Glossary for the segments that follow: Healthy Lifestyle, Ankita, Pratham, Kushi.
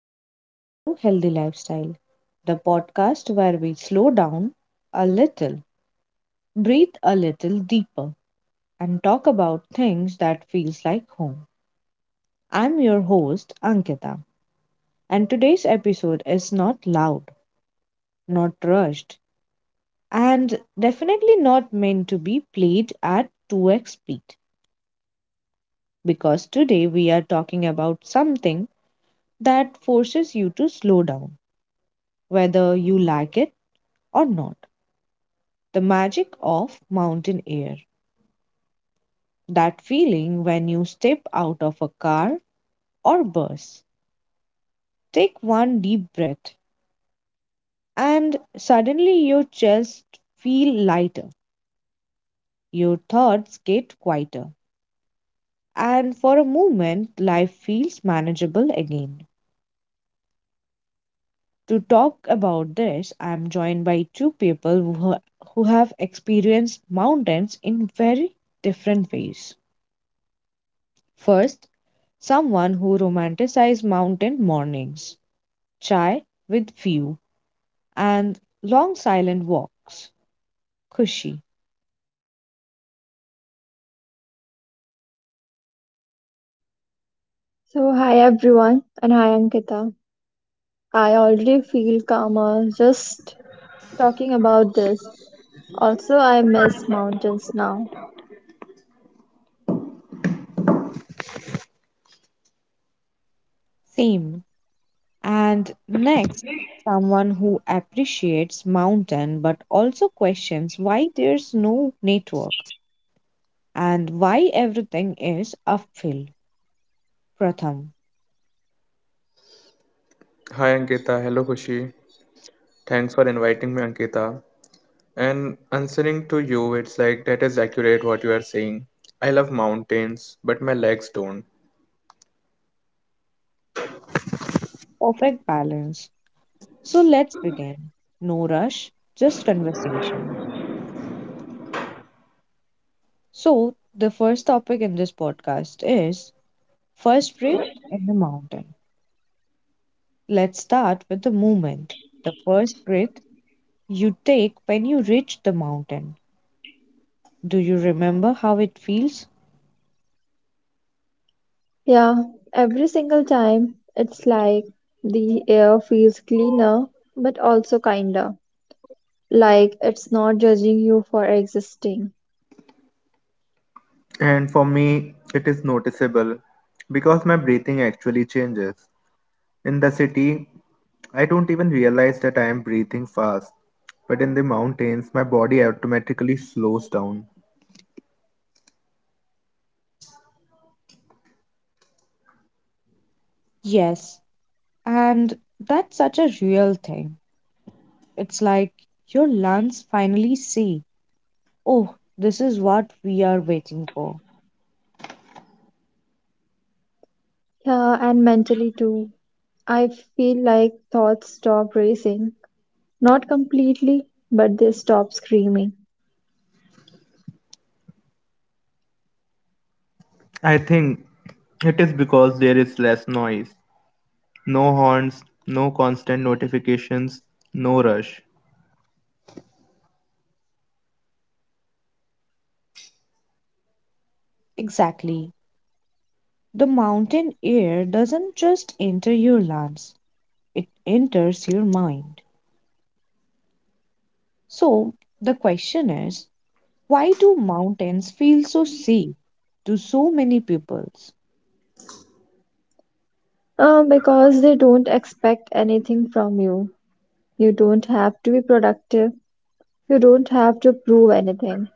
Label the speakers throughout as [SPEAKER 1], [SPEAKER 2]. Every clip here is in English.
[SPEAKER 1] welcome back to Healthy Lifestyle, the podcast where we slow down a little, breathe a little deeper, and talk about things that feels like home. I'm your host, Ankita, and today's episode is not loud, not rushed, and definitely not meant to be played at 2x speed because today we are talking about something that forces you to slow down, whether you like it or not. The magic of mountain air. That feeling when you step out of a car or bus, take one deep breath, and suddenly your chest feel lighter. Your thoughts get quieter, and for a moment life feels manageable again. To talk about this, I am joined by two people who, who have experienced mountains in very different ways. First, someone who romanticizes mountain mornings. Chai with few, and long silent walks. Kushi,
[SPEAKER 2] So, hi everyone, and hi Ankita. I already feel calmer just talking about this. Also, I miss mountains now.
[SPEAKER 1] same. And next, someone who appreciates mountain but also questions why there's no network and why everything is uphill. Pratham,
[SPEAKER 3] Hi Ankita, hello Kushi. Thanks for inviting me, Ankita. And answering to you, it's like that is accurate what you are saying. I love mountains, but my legs don't.
[SPEAKER 1] perfect balance. So let's begin. No rush, just conversation. So, the first topic in this podcast is first breath in the mountain. Let's start with the movement. The first breath you take when you reach the mountain. Do you remember how it feels?
[SPEAKER 2] Yeah, every single time it's like the air feels cleaner but also kinder. Like it's not judging you for existing.
[SPEAKER 3] And for me, it is noticeable because my breathing actually changes. In the city, I don't even realize that I am breathing fast, but in the mountains, my body automatically slows down.
[SPEAKER 1] Yes, and that's such a real thing. It's like your lungs finally say, "Oh, this is what we are waiting for."
[SPEAKER 2] Yeah, and mentally too. I feel like thoughts stop racing. Not completely, but they stop screaming.
[SPEAKER 3] I think it is because there is less noise. No horns, no constant notifications, no rush.
[SPEAKER 1] Exactly. The mountain air doesn't just enter your lungs, it enters your mind. So, the question is, why do mountains feel so safe to so many peoples?
[SPEAKER 2] Because they don't expect anything from you. You don't have to be productive. You don't have to prove anything.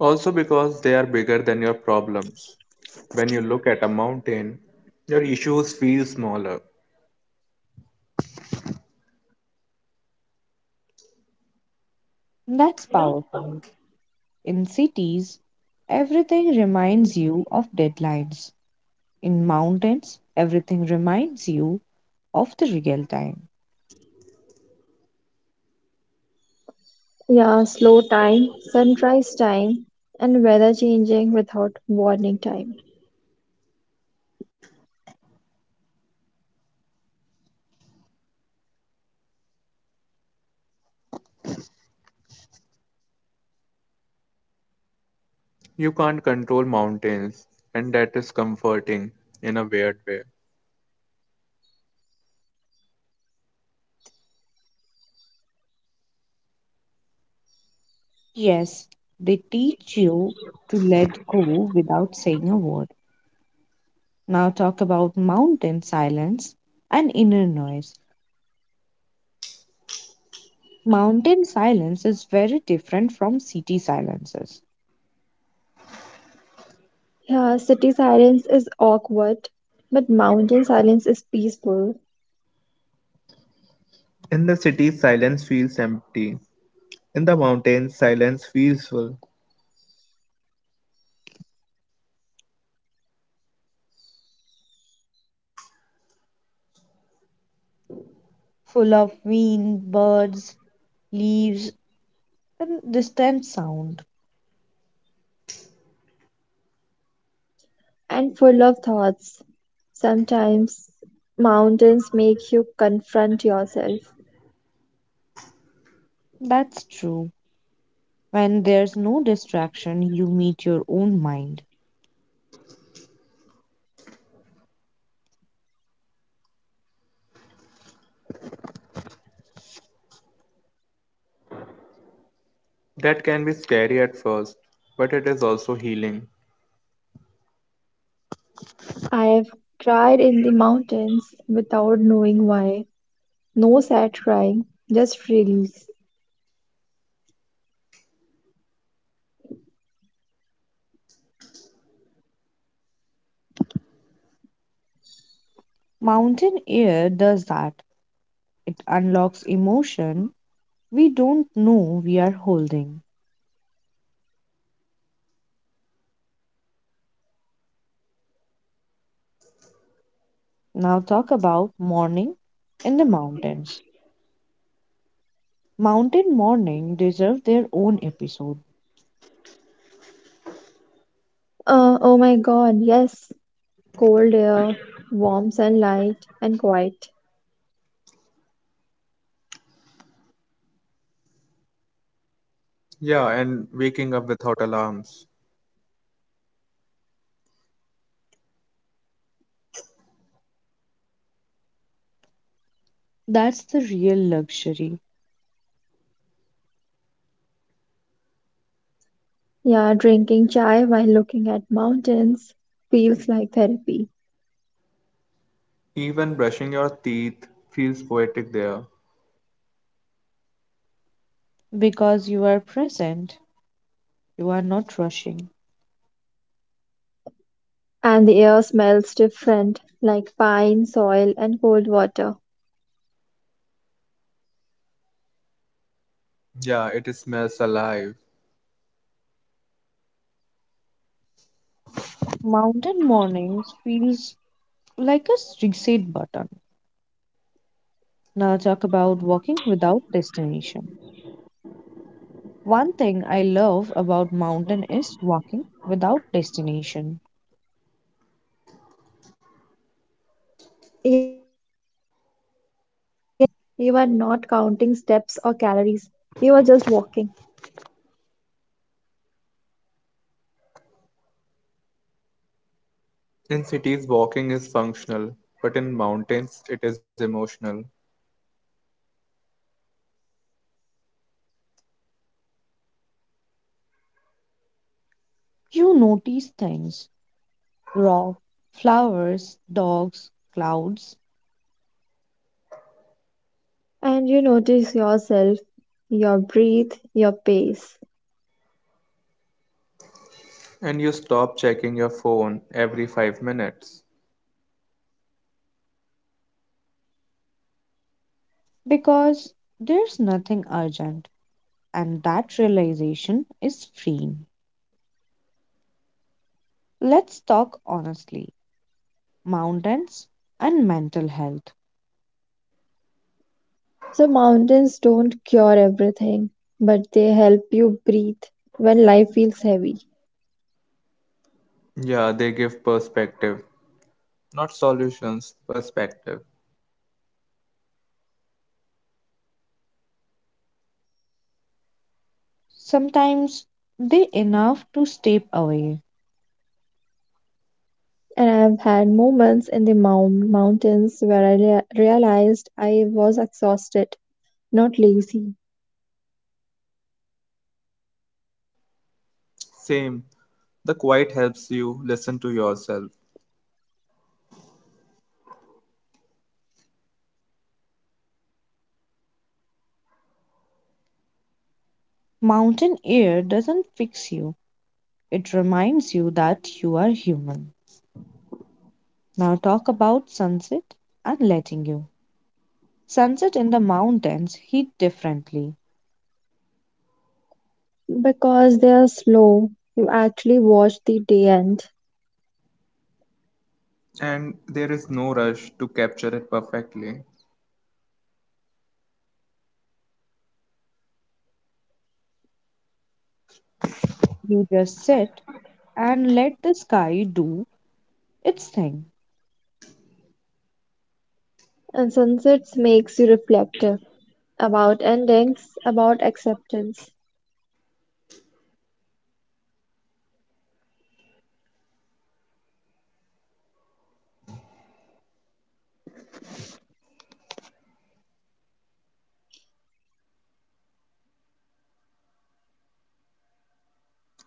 [SPEAKER 3] Also, because they are bigger than your problems. When you look at a mountain, your issues feel smaller.
[SPEAKER 1] That's powerful. In cities, everything reminds you of deadlines. In mountains, everything reminds you of the real time.
[SPEAKER 2] Yeah, slow time, sunrise time, and weather changing without warning time.
[SPEAKER 3] You can't control mountains, and that is comforting in a weird way.
[SPEAKER 1] Yes, they teach you to let go without saying a word. Now, talk about mountain silence and inner noise. Mountain silence is very different from city silences,
[SPEAKER 2] Yeah, city silence is awkward, but mountain silence is peaceful
[SPEAKER 3] In the city, silence feels empty. In the mountains, silence feels full.
[SPEAKER 1] full of wind, birds, leaves, and distant sound.
[SPEAKER 2] and full of thoughts. Sometimes mountains make you confront yourself.
[SPEAKER 1] That's true. When there's no distraction, you meet your own mind.
[SPEAKER 3] That can be scary at first, but it is also healing.
[SPEAKER 2] I have cried in the mountains without knowing why. No sad crying, just release.
[SPEAKER 1] Mountain air does that. It unlocks emotion we don't know we are holding. Now, talk about morning in the mountains. Mountain Morning deserve their own episode.
[SPEAKER 2] Oh my god, yes. Cold air, warm sunlight, and quiet.
[SPEAKER 3] Yeah, and waking up without alarms.
[SPEAKER 1] That's the real luxury
[SPEAKER 2] Yeah, drinking chai while looking at mountains feels like therapy.
[SPEAKER 3] Even brushing your teeth feels poetic there.
[SPEAKER 1] because you are present, you are not rushing.
[SPEAKER 2] And the air smells different, like pine, soil, and cold water.
[SPEAKER 3] Yeah, it smells alive.
[SPEAKER 1] Mountain Mornings feels like a reset button. Now talk about walking without destination. One thing I love about mountain is walking without destination.
[SPEAKER 2] Yes, you are not counting steps or calories. You are just walking.
[SPEAKER 3] In cities, walking is functional, but in mountains, it is emotional.
[SPEAKER 1] You notice things, rock, flowers, dogs, clouds
[SPEAKER 2] And you notice yourself, your breath, your pace.
[SPEAKER 3] And you stop checking your phone every 5 minutes.
[SPEAKER 1] because there's nothing urgent and that realization is freeing. Let's talk honestly, mountains and mental health.
[SPEAKER 2] So mountains don't cure everything, but they help you breathe when life feels heavy.
[SPEAKER 3] Yeah, they give perspective, not solutions, perspective.
[SPEAKER 1] Sometimes they enough to step away.
[SPEAKER 2] And I've had moments in the mountains where I realized I was exhausted, not lazy.
[SPEAKER 3] Same. The quiet helps you listen to yourself,
[SPEAKER 1] Mountain air doesn't fix you, it reminds you that you are human. Now talk about sunset and letting you. Sunset in the mountains hit differently.
[SPEAKER 2] Because they are slow, you actually watch the day end.
[SPEAKER 3] and there is no rush to capture it perfectly.
[SPEAKER 1] You just sit and let the sky do its thing.
[SPEAKER 2] And sunsets makes you reflective about endings, about acceptance.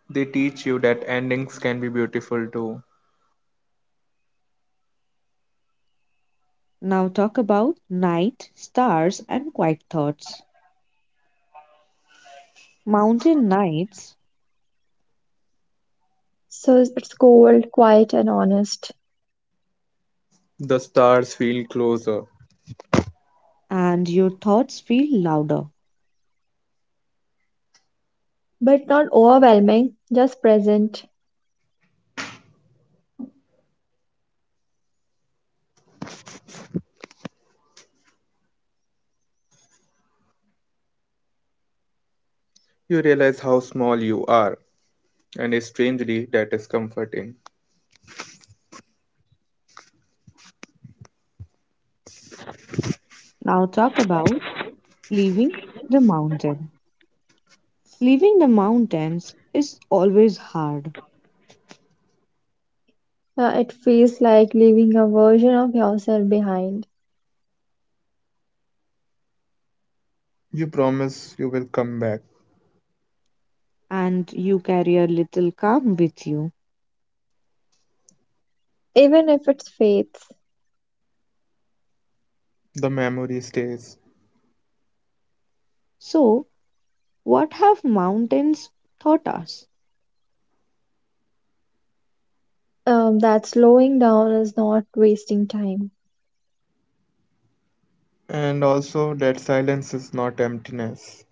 [SPEAKER 3] They teach you that endings can be beautiful too.
[SPEAKER 1] Now talk about night, stars, and quiet thoughts. Mountain nights,
[SPEAKER 2] So it's cold, quiet, and honest,
[SPEAKER 3] The stars feel closer.
[SPEAKER 1] and your thoughts feel louder.
[SPEAKER 2] but not overwhelming, just present.
[SPEAKER 3] You realize how small you are, and is strangely, that is comforting.
[SPEAKER 1] Now, talk about leaving the mountain. Leaving the mountains is always hard,
[SPEAKER 2] It feels like leaving a version of yourself behind,
[SPEAKER 3] You promise you will come back,
[SPEAKER 1] and you carry a little calm with you.
[SPEAKER 2] even if it's faith.
[SPEAKER 3] the memory stays,
[SPEAKER 1] So, what have mountains taught us?
[SPEAKER 2] That slowing down is not wasting time.
[SPEAKER 3] and also that silence is not emptiness.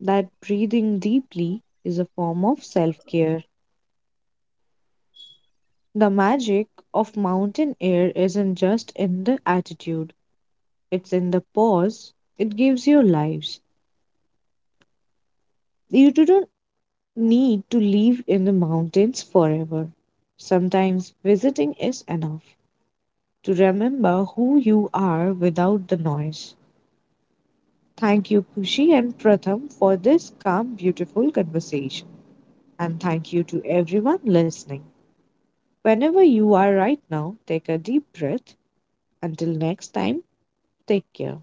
[SPEAKER 1] That breathing deeply is a form of self care. The magic of mountain air isn't just in the attitude, it's in the pause it gives your lives. You didn't need to live in the mountains forever. Sometimes visiting is enough to remember who you are without the noise. Thank you, Kushi and Pratham, for this calm, beautiful conversation. And thank you to everyone listening. Whenever you are right now, take a deep breath. Until next time, take care.